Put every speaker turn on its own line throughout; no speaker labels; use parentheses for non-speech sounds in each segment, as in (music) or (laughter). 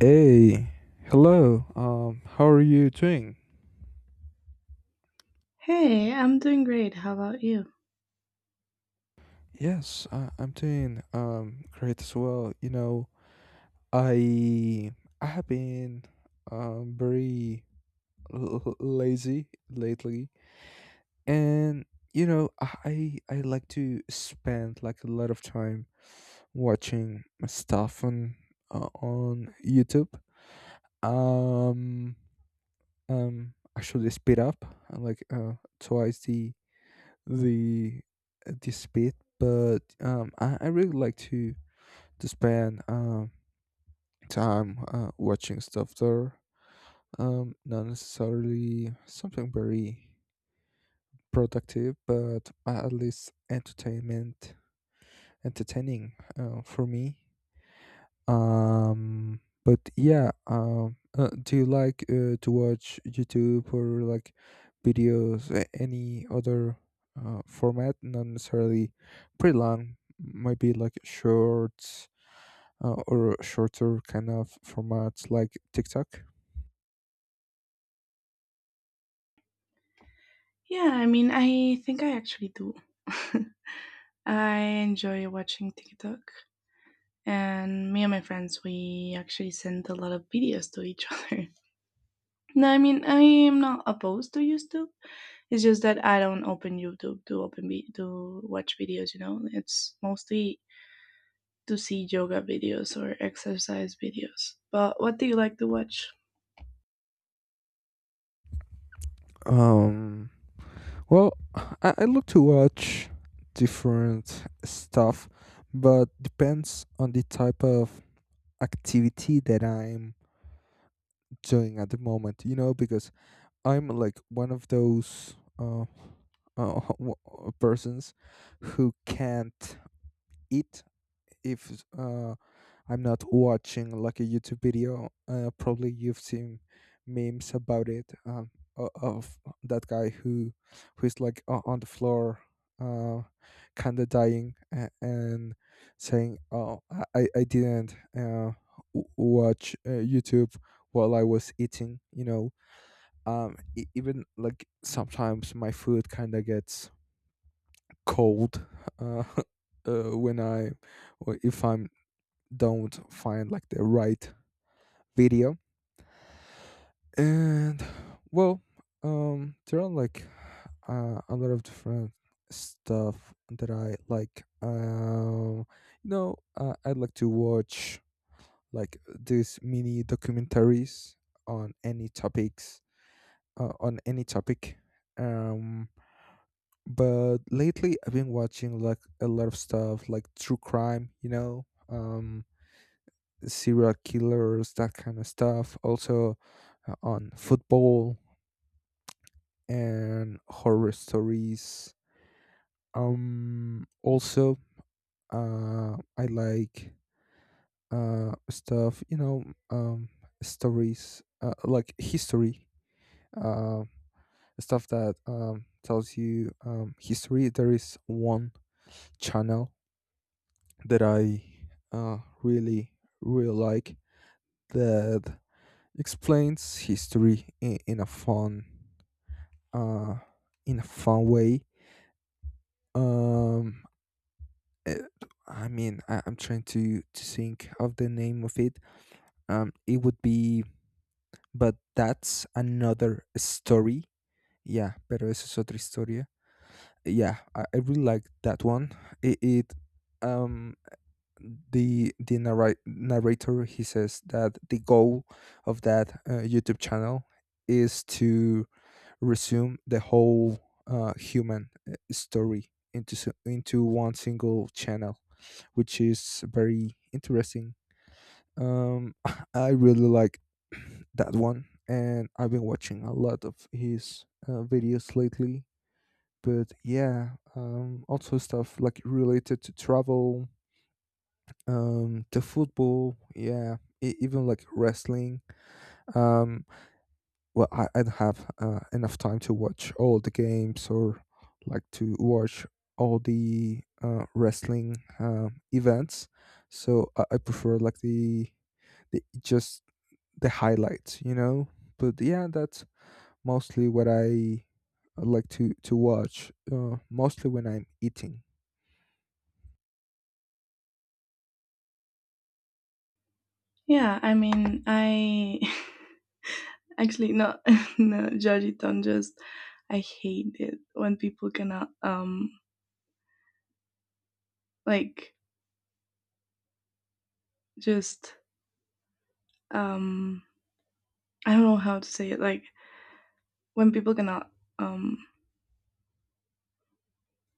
Hey, hello. How are you doing?
Hey, I'm doing great. How about you?
Yes, I'm doing great as well. You know, I I have been very lazy lately, and you know, I like to spend like a lot of time watching stuff on YouTube. Um, Actually, speed up like twice the debate, but I really like to spend time watching stuff there. Not necessarily something very productive, but at least entertainment entertaining for me. But yeah, do you like to watch YouTube or like videos, any other format? Not necessarily pretty long, maybe like shorts or shorter kind of formats like TikTok.
Yeah, I mean, I think I actually do. (laughs) I enjoy watching TikTok, and me and my friends, we actually send a lot of videos to each (laughs) other. No, I mean, I am not opposed to YouTube. It's just that I don't open YouTube to to watch videos. You know, it's mostly to see yoga videos or exercise videos. But what do you like to watch?
Um, well, I look to watch different stuff, but depends on the type of activity that I'm doing at the moment, you know, because I'm like one of those (laughs) uh, w- persons who can't eat if I'm not watching like a YouTube video. Probably you've seen memes about it, of that guy who is like on the floor. Uh, Kind of dying and saying, "Oh, I didn't watch YouTube while I was eating," you know, even like sometimes my food kind of gets cold, uh, (laughs) when I or if I'm don't find like the right video. And well there are like a lot of different stuff that I like, you know, I'd like to watch like these mini documentaries on any topics on any topic. um but lately I've been watching like a lot of stuff like true crime, you know, serial killers, that kind of stuff. Also on football and horror stories. Also, I like stuff, you know, um, stories like history, uh, stuff that tells you history. There is one channel that I really, really like, that explains history in a uh, in a fun way. Um, eh, I mean, I'm trying to think of the name of it. Um, it would be, but that's another story. Yeah, pero eso es otra historia. Yeah, I really like that one. It um the narrator, he says that the goal of that YouTube channel is to resume the whole human story into one single channel, which is very interesting. Um, (laughs) I really like (clears throat) that one, and I've been watching a lot of his videos lately. But yeah, also stuff like related to travel, the football, yeah, even like wrestling. um I don't have enough time to watch all the games or like to watch all the wrestling events. So I prefer like the just the highlights, you know. But yeah, that's mostly what I like to watch, mostly when I'm eating.
Yeah, I mean, I (laughs) actually no, (laughs) no, judge it on just I hate it when people cannot like just um I don't know how to say it, like when people cannot um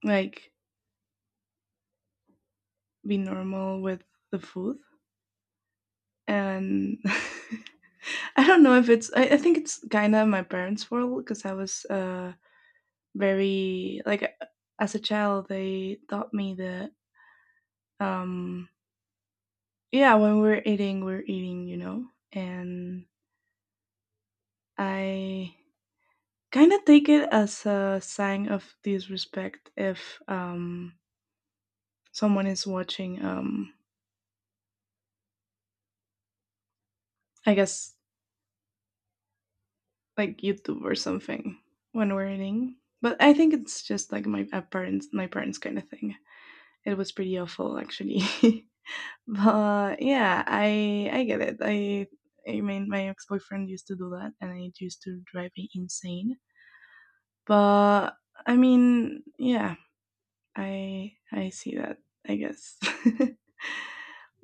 like be normal with the food. And (laughs) I don't know if it's I think it's kind of my parents' world, because I was very like as a child. They taught me that um yeah, when we're eating, we're eating, you know. And I kind of take it as a sign of disrespect if someone is watching, I guess, like YouTube or something when we're eating. But I think it's just like my parents my parents kind of thing. It was pretty awful actually. (laughs) But yeah, I get it. I mean my ex-boyfriend used to do that, and it used to drive me insane. But I mean, yeah, I see that, I guess. (laughs)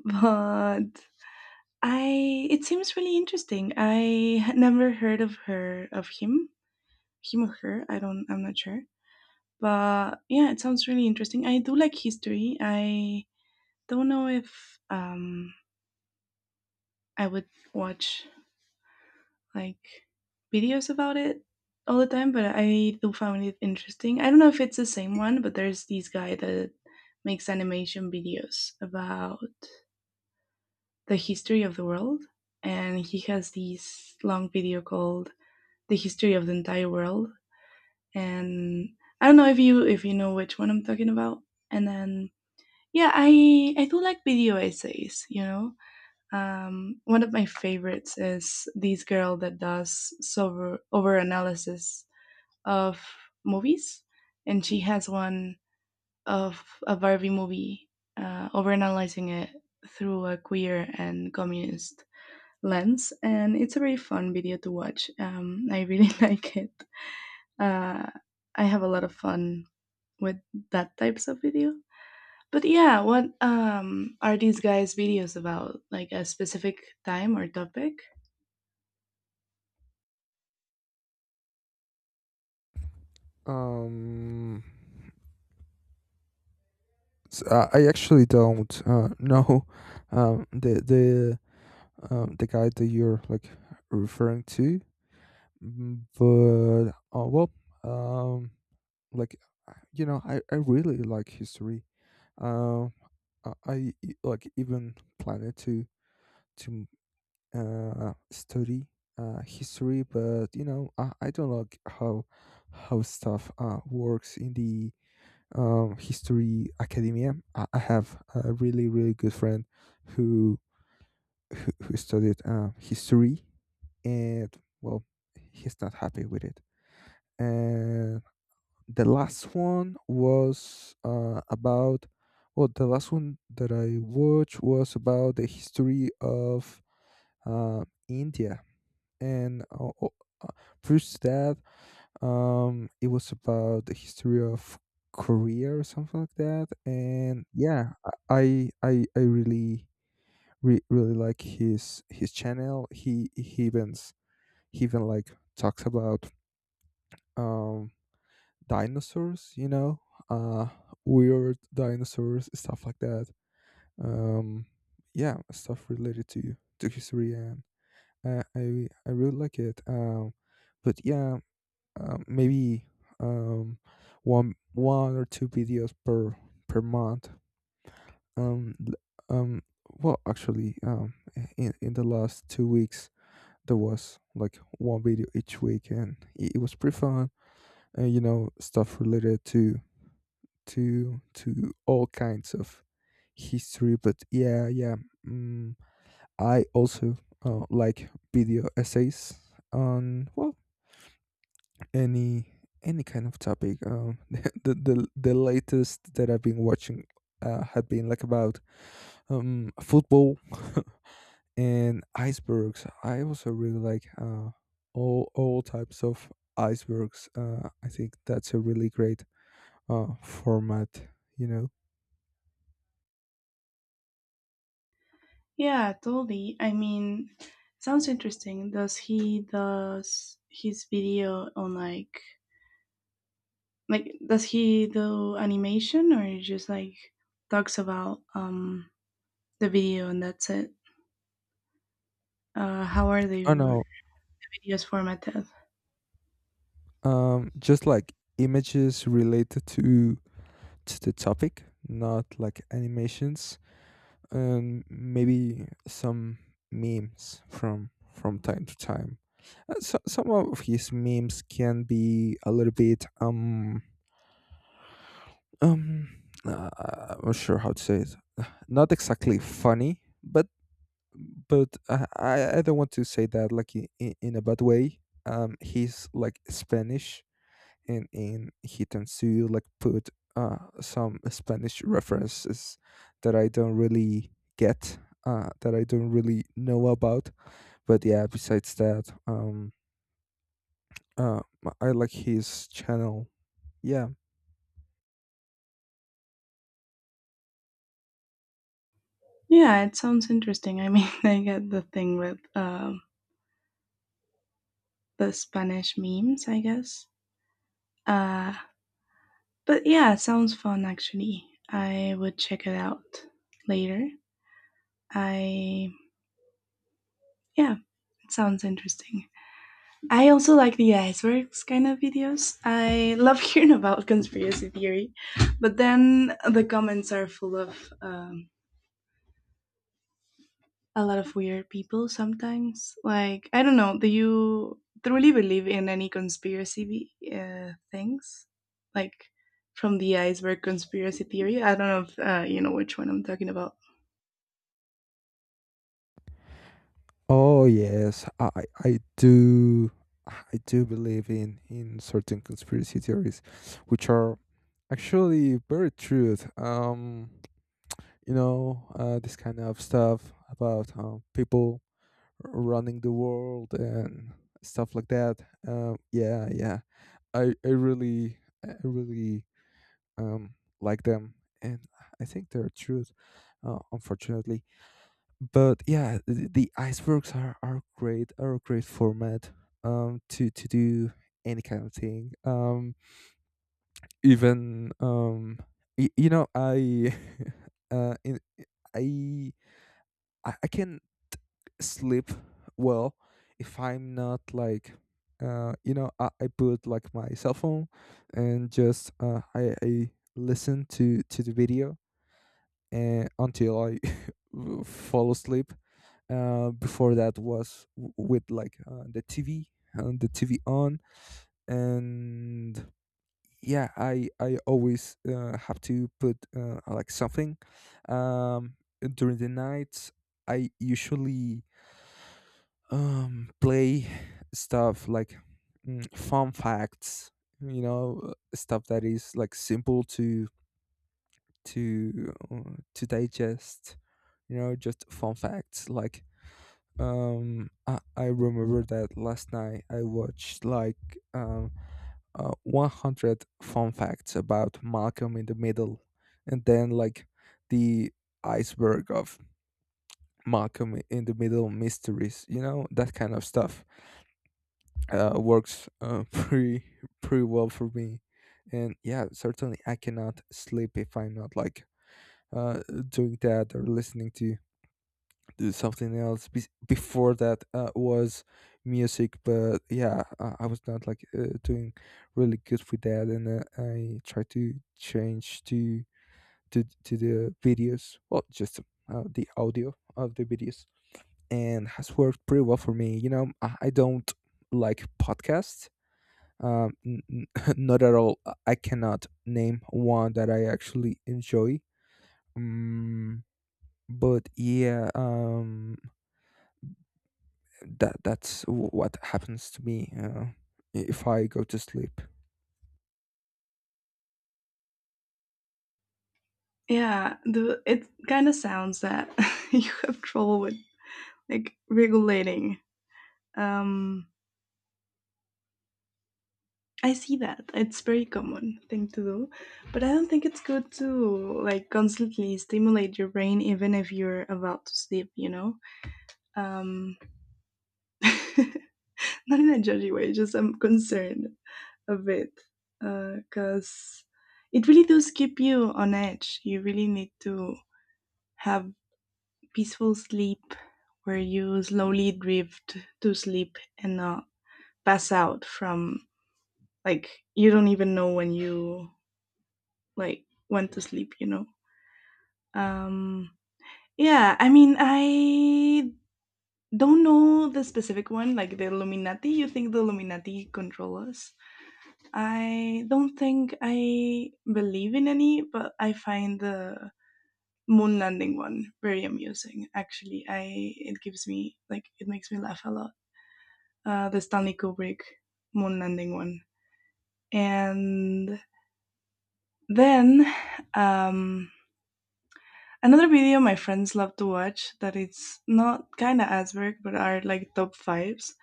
But I it seems really interesting. I had never heard of her of him, him or her, I don't I'm not sure. But yeah, it sounds really interesting. I do like history. I don't know if I would watch like videos about it all the time, but I do found it interesting. I don't know if it's the same one, but there's this guy that makes animation videos about the history of the world, and he has this long video called "The History of the Entire World." And I don't know if you know which one I'm talking about. And then yeah, I do like video essays, you know. One of my favorites is this girl that does sober over analysis of movies, and she has one of a Barbie movie, overanalyzing it through a queer and communist lens, and it's a very fun video to watch. I really (laughs) like it. Uh, I have a lot of fun with that types of video. But yeah, what are these guys' videos about? Like a specific time or topic?
Um So, uh, I actually don't know, um, the the the guy that you're like referring to, but um, like you know, I really like history. Um, I like even planning to study history, but you know, I don't like how stuff works in the history academia. I have a really, really good friend who who studied history, and well, he's not happy with it. And the last one was uh, about the last one that I watched was about the history of India, and prior to that, it was about the history of Korea or something like that, and yeah, I really really like his channel. He even like talks about um dinosaurs, you know, uh weird dinosaurs, stuff like that. Um, yeah, stuff related to history, and I really like it. But yeah, maybe um, one or two videos per month. Um, l- um, Actually, in the last 2 weeks there was like one video each week, and it was pretty fun. And you know, stuff related to all kinds of history. But yeah, yeah, mm, I also like video essays on any any kind of topic. (laughs) The latest that I've been watching had been like about football (laughs) and icebergs. I also really like all types of icebergs. I think that's a really great format. You know.
Yeah, totally. I mean, sounds interesting. Does his video on like does he do animation, or he just like talks about the video and that's it? How are
Oh
the
no.
videos formatted?
Just like images related to the topic, not like animations. And maybe some memes from time to time. So, some of his memes can be a little bit um uh, I'm not sure how to say it. (sighs) Not exactly funny, but I don't want to say that like in a bad way. He's like Spanish, and in he tends to like put some Spanish references that I don't really get, that I don't really know about. But yeah, besides that, uh, I like his channel. Yeah.
Yeah, it sounds interesting. I mean, (laughs) I get the thing with the Spanish memes, I guess. Uh, but yeah, it sounds fun actually. I would check it out later. I yeah, Sounds interesting. I also like the icebergs kind of videos. I love (laughs) hearing about conspiracy theory, but then the comments are full of a lot of weird people sometimes. Like, I don't know, do you truly believe in any conspiracy things? Like, from the iceberg conspiracy theory? I don't know if you know which one I'm talking about.
Oh yes, I do. I do believe in certain conspiracy theories, which are actually very true. You know, this kind of stuff about people running the world and stuff like that. Yeah, yeah. I I really I really um like them, and I think they're true, unfortunately. But yeah, the icebergs are great. Are a great format. To do any kind of thing. Even, you know, I (laughs) uh, in I I can't sleep well if I'm not like, you know, I put like my cell phone, and just I listen to the video and until I (laughs) fall asleep. Before that was with like the TV, and the TV on. And yeah, I always have to put, like something, um, during the nights. I usually play stuff like, fun facts, you know, stuff that is like simple to uh, to digest, you know, just fun facts like I remember that last night I watched like um 100 fun facts about Malcolm in the Middle, and then like the iceberg of Malcolm in the Middle mysteries, you know, that kind of stuff works, (laughs) pretty well for me. And yeah, certainly I cannot sleep if I'm not like, uh, doing that or listening to something else. Before that was music, but yeah, I was not like doing really good with that, and I tried to change to the videos. Well, just the audio of the videos, and has worked pretty well for me. You know, I don't like podcasts, um, n- n- (laughs) not at all. I cannot name one that I actually enjoy. Um, but yeah, that's what happens to me if I go to sleep.
Yeah, the it kind of sounds that (laughs) you have trouble with like regulating. Um, I see that it's very common thing to do, but I don't think it's good to like constantly stimulate your brain even if you're about to sleep. You know, um, (laughs) not in a judgy way. Just I'm concerned a bit because it really does keep you on edge. You really need to have peaceful sleep where you slowly drift to sleep and not pass out from like you don't even know when you like went to sleep, you know. um yeah, I mean, I don't know the specific one. Like the Illuminati, you think the Illuminati control us? I don't think I believe in any, but I find the moon landing one very amusing actually. I It gives me like it makes me laugh a lot, the Stanley Kubrick moon landing one. And then um, another video my friends love to watch that it's not kind of Asberg, but are like top fives.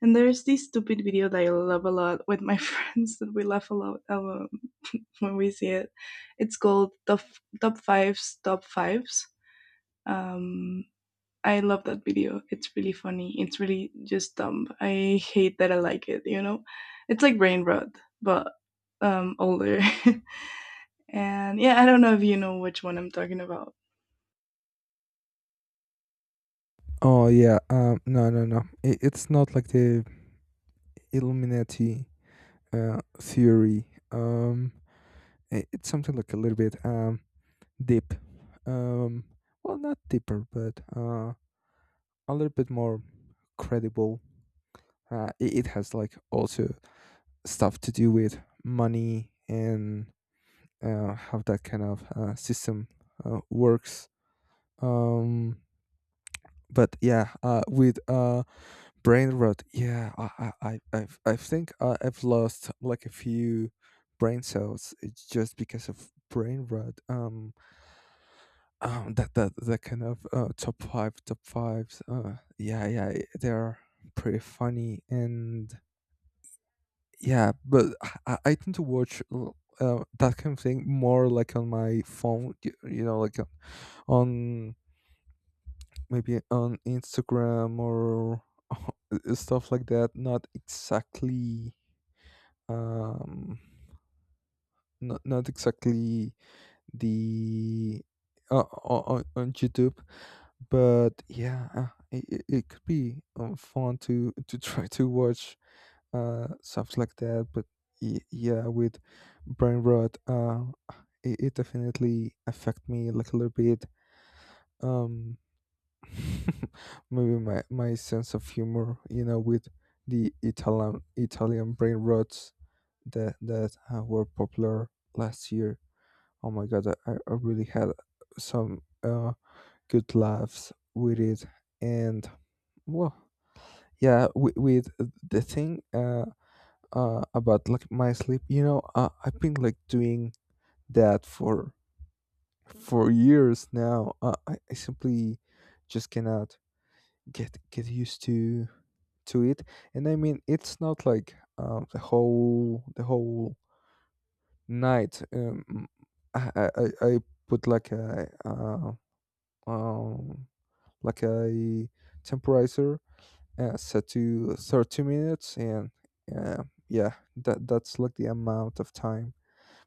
And there's this stupid video that I love a lot with my (laughs) friends that we laugh a lot (laughs) when we see it. It's called top fives, top fives. Um, I love that video. It's really funny. It's really just dumb. I hate that I like it, you know? It's like brain rot, but older. (laughs) And yeah, I don't know if you know which one I'm talking about.
Oh yeah, no, no, no. It's not like the Illuminati theory. It's something like a little bit deep. Um, well, not deeper, but a little bit more credible. It has like also stuff to do with money, and how that kind of system works. Um, but yeah, with brain rot, yeah, I think I've lost like a few brain cells, just because of brain rot. That kind of top five, top fives. Yeah, yeah, they are pretty funny, and Yeah, but I tend to watch that kind of thing more like on my phone, you know, like on maybe on Instagram or (laughs) stuff like that. Not exactly, um, not exactly the on YouTube, but yeah, it could be fun to try to watch stuff like that. But yeah, with brain rot, it definitely affect me like a little bit. um (laughs) Maybe my sense of humor, you know, with the Italian brain rots that were popular last year. Oh my god, I really had some good laughs with it. And well, yeah, with the thing, about like my sleep. You know, I've been like doing that for years now. I simply just cannot get used to it. And I mean, it's not like, the whole night. I put um like a temperature set to 30 minutes, and uh, yeah, that's like the amount of time.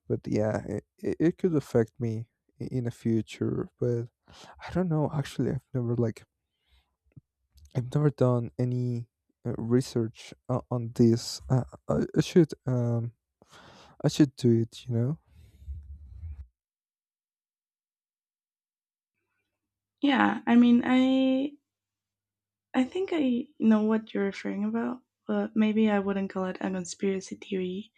But yeah, it could affect me in the future. But I don't know. Actually, I've never done any research on this. I, I should um I should do it.
Yeah, I mean, I think I know what you're referring about, but maybe I wouldn't call it a conspiracy theory,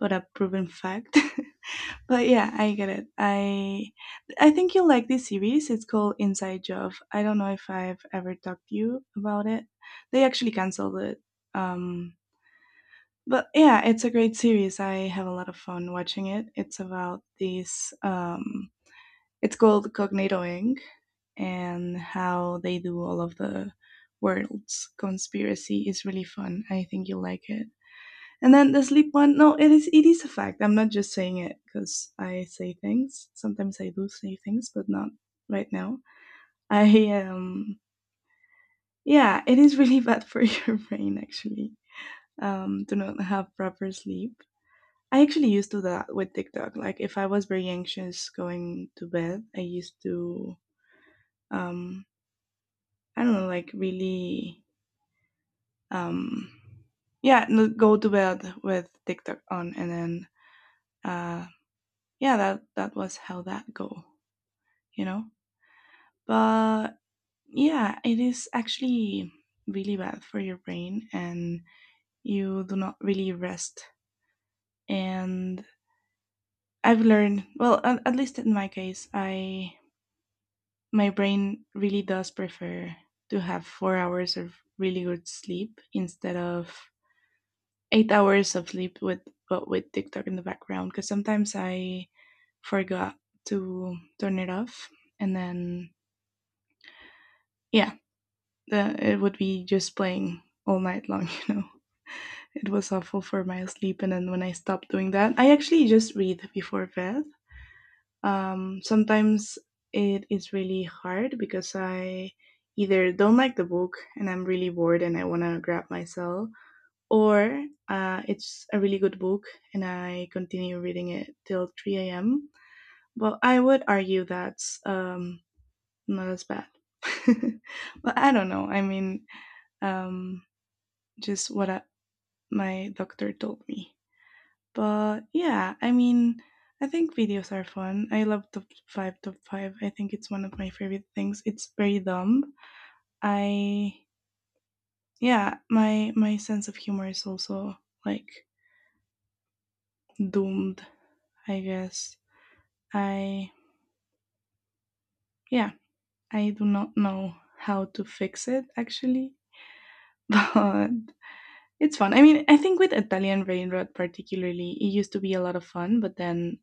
but a proven fact. (laughs) But yeah, I get it. I think you'll like this series. It's called Inside Job. I don't know if I've ever talked to you about it. They actually canceled it. Um, but yeah, it's a great series. I have a lot of fun watching it. It's about this. It's called Cognitoing, and how they do all of the world's conspiracy. Is really fun. I think you'll like it. And then the sleep one, no, it is a fact. I'm not just saying it because I say things. Sometimes I do say things, but not right now. I Yeah, it is really (laughs) bad for your brain actually. To not have proper sleep. I actually used to do that with TikTok. Like if I was very anxious going to bed, I used to um I don't know, like really um yeah, no- go to bed with TikTok on. And then uh yeah, that that was how that go, you know. But yeah, it is actually really bad for your brain, and you do not really rest. And I've learned, well, at least in my case, I my brain really does prefer to have 4 hours of really good sleep instead of eight hours of sleep with but with TikTok in the background. Because sometimes I forgot to turn it off, and then yeah it would be just playing all night long, (laughs) you know. It was awful for my sleep, and then when I stopped doing that, I actually just read before bed. Sometimes it is really hard because I either don't like the book and I'm really bored and I want to grab my cell, or it's a really good book and I continue reading it till 3 a.m. Well, I would argue that's not as bad. (laughs) But I don't know. I mean, um, just my doctor told me. But yeah, I mean, I think videos are fun. I love top five. I think it's one of my favorite things. It's very dumb. I yeah, my my sense of humor is also like doomed, I guess. I Yeah, I do not know how to fix it actually, (laughs) but it's fun. I mean, I think with Italian Railroad particularly, it used to be a lot of fun, but then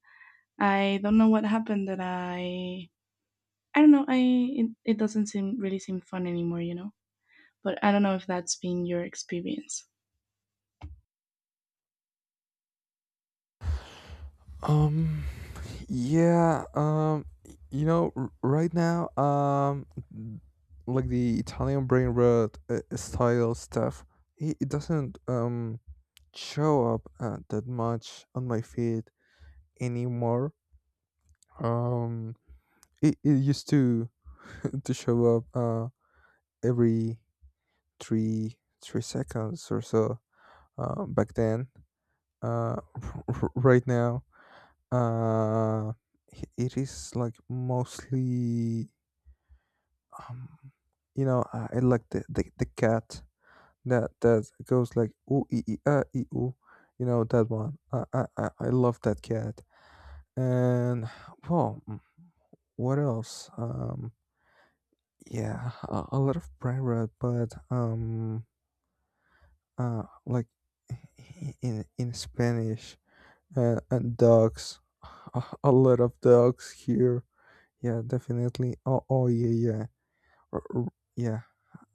I don't know what happened that I don't know I it, it doesn't seem fun anymore, you know. But I don't know if that's been your experience.
Um. Yeah. Right now, like the Italian brain rot style stuff, it doesn't show up that much on my feed anymore. Um it used to (laughs) to show up every three seconds or so back then. Uh, (laughs) right now, it is like mostly, um, I like the cat that goes like ooh ee ee ah ee ooh, you know that one. I love that cat. And (sighs) well, what else? Yeah, a lot of private, but uh like in Spanish, and dogs, a lot of dogs here, yeah, definitely. Oh yeah, yeah. R- r- yeah,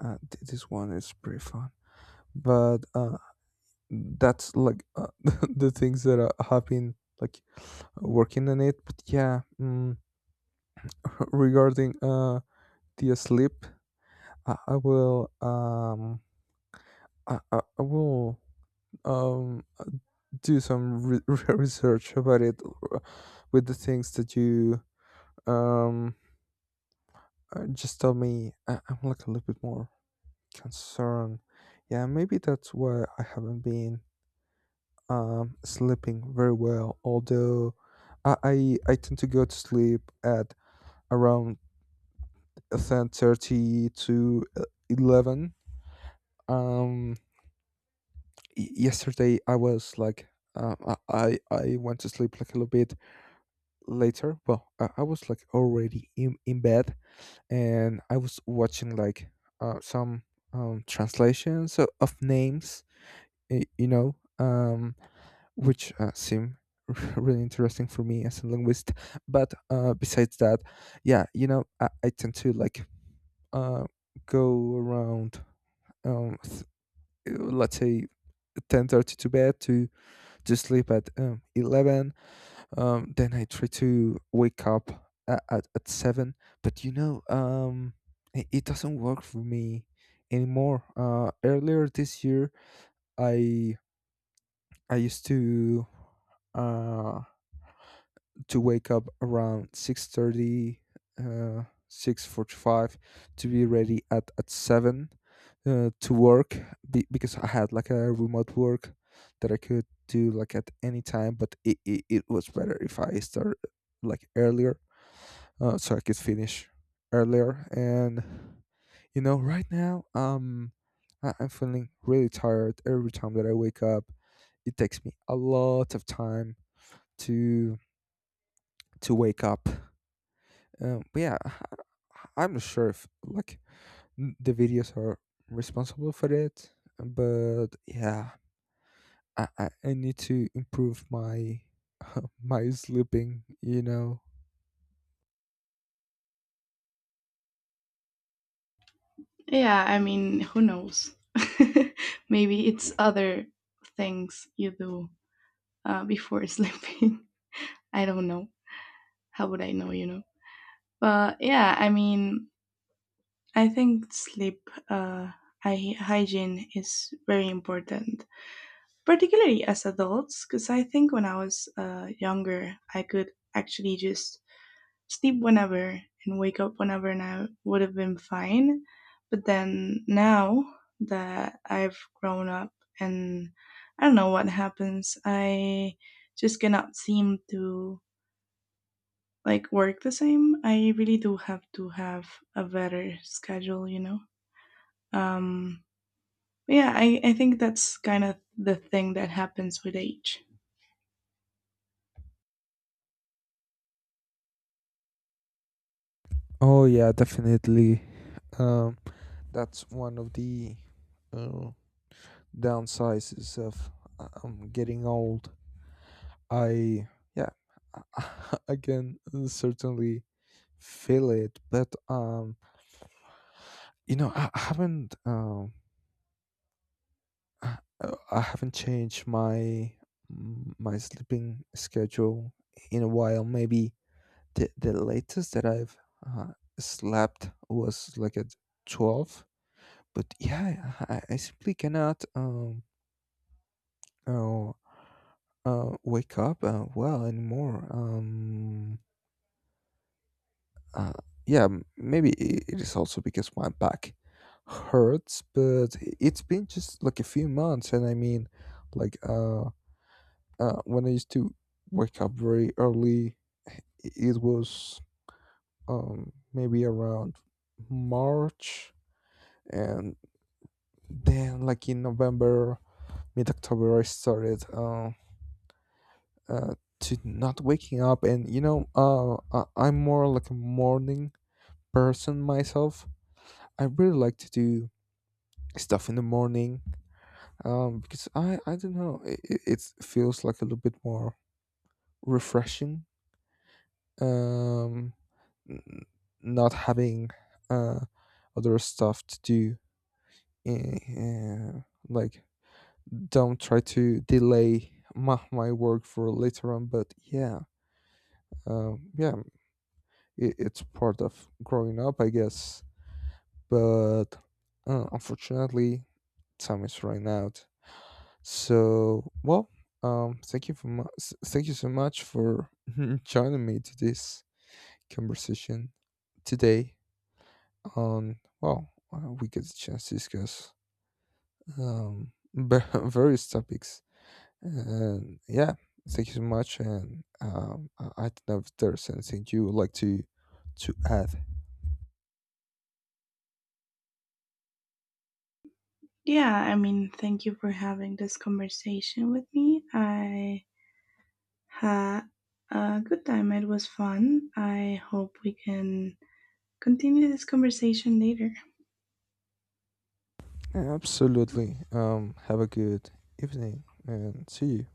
this one is pretty fun, but that's like (laughs) the things that have been like working on it. But yeah, regarding the sleep, i, I will um I will um do some (laughs) research about it uh, with the things that you um just tell me. I'm like a little bit more concerned. Yeah, maybe that's why I haven't been sleeping very well, although I tend to go to sleep at around 10:30 to 11. um Yesterday I was like, um, I went to sleep like a little bit later. Well, I was like already in bed, and I was watching like some translations of names, you know, which seem (laughs) really interesting for me as a linguist. But besides that, yeah, you know, I tend to like uh, go around, um, th- let's say 10:30 to bed to sleep at 11. Then I try to wake up at 7, but you know, it doesn't work for me anymore. Earlier this year, I I used uh to wake up around 6:30, 6:45, to be ready at 7, to work, because I had like a remote work that I could do like at any time, but it was better if I start like earlier, circuit finish earlier. And you know, right now, I'm feeling really tired every time that I wake up. It takes me a lot of time to to wake up. But yeah, I'm not sure if like the videos are responsible for it, but yeah, I need to improve my (laughs) my sleeping.
Yeah, I mean, who knows? (laughs) Maybe it's other things you do before (laughs) sleeping. I don't know. How would I know, you know? But yeah, I mean, I think sleep hygiene is very important, particularly as adults, because I think when I was younger, I could actually just sleep whenever and wake up whenever, and I would have been fine. But then now that I've grown up and I don't know what happens, I just cannot seem to like work the same. I really do have to have a better schedule, you know? Um, yeah, I think that's kind of the thing that happens with age.
Oh yeah, definitely. Um, That's one of the uh, downsides of getting old. I Yeah, (laughs) I can certainly feel it, but you know, I I haven't changed my sleeping schedule in a while. Maybe the latest that I've uh, slept was like at 12. But yeah, I simply cannot uh, wake up well anymore. Uh, yeah, maybe it is also because my back hurts, but it's been just like a few months. And I mean, like when I used to wake up very early, it was maybe around March, and then like in November, mid October, I started. Uh, to not waking up. And you know, I'm more like a morning person myself. I really like to do stuff in the morning, because I don't know, feels like a little bit more refreshing. Um, n- Not having uh, other stuff to do. Uh, like, don't try to delay my work for later on. But yeah, yeah, it's part of growing up, I guess. But unfortunately, time is running out. So, well, thank you so much for (laughs) joining me to this conversation today. On, well, we get a chance to discuss (laughs) various topics, and yeah, thank you so much. And I don't know if there's anything you would like to add.
Yeah, I mean, thank you for having this conversation with me. I had a good time. It was fun. I hope we can continue this conversation later.
Absolutely. Have a good evening, and see you.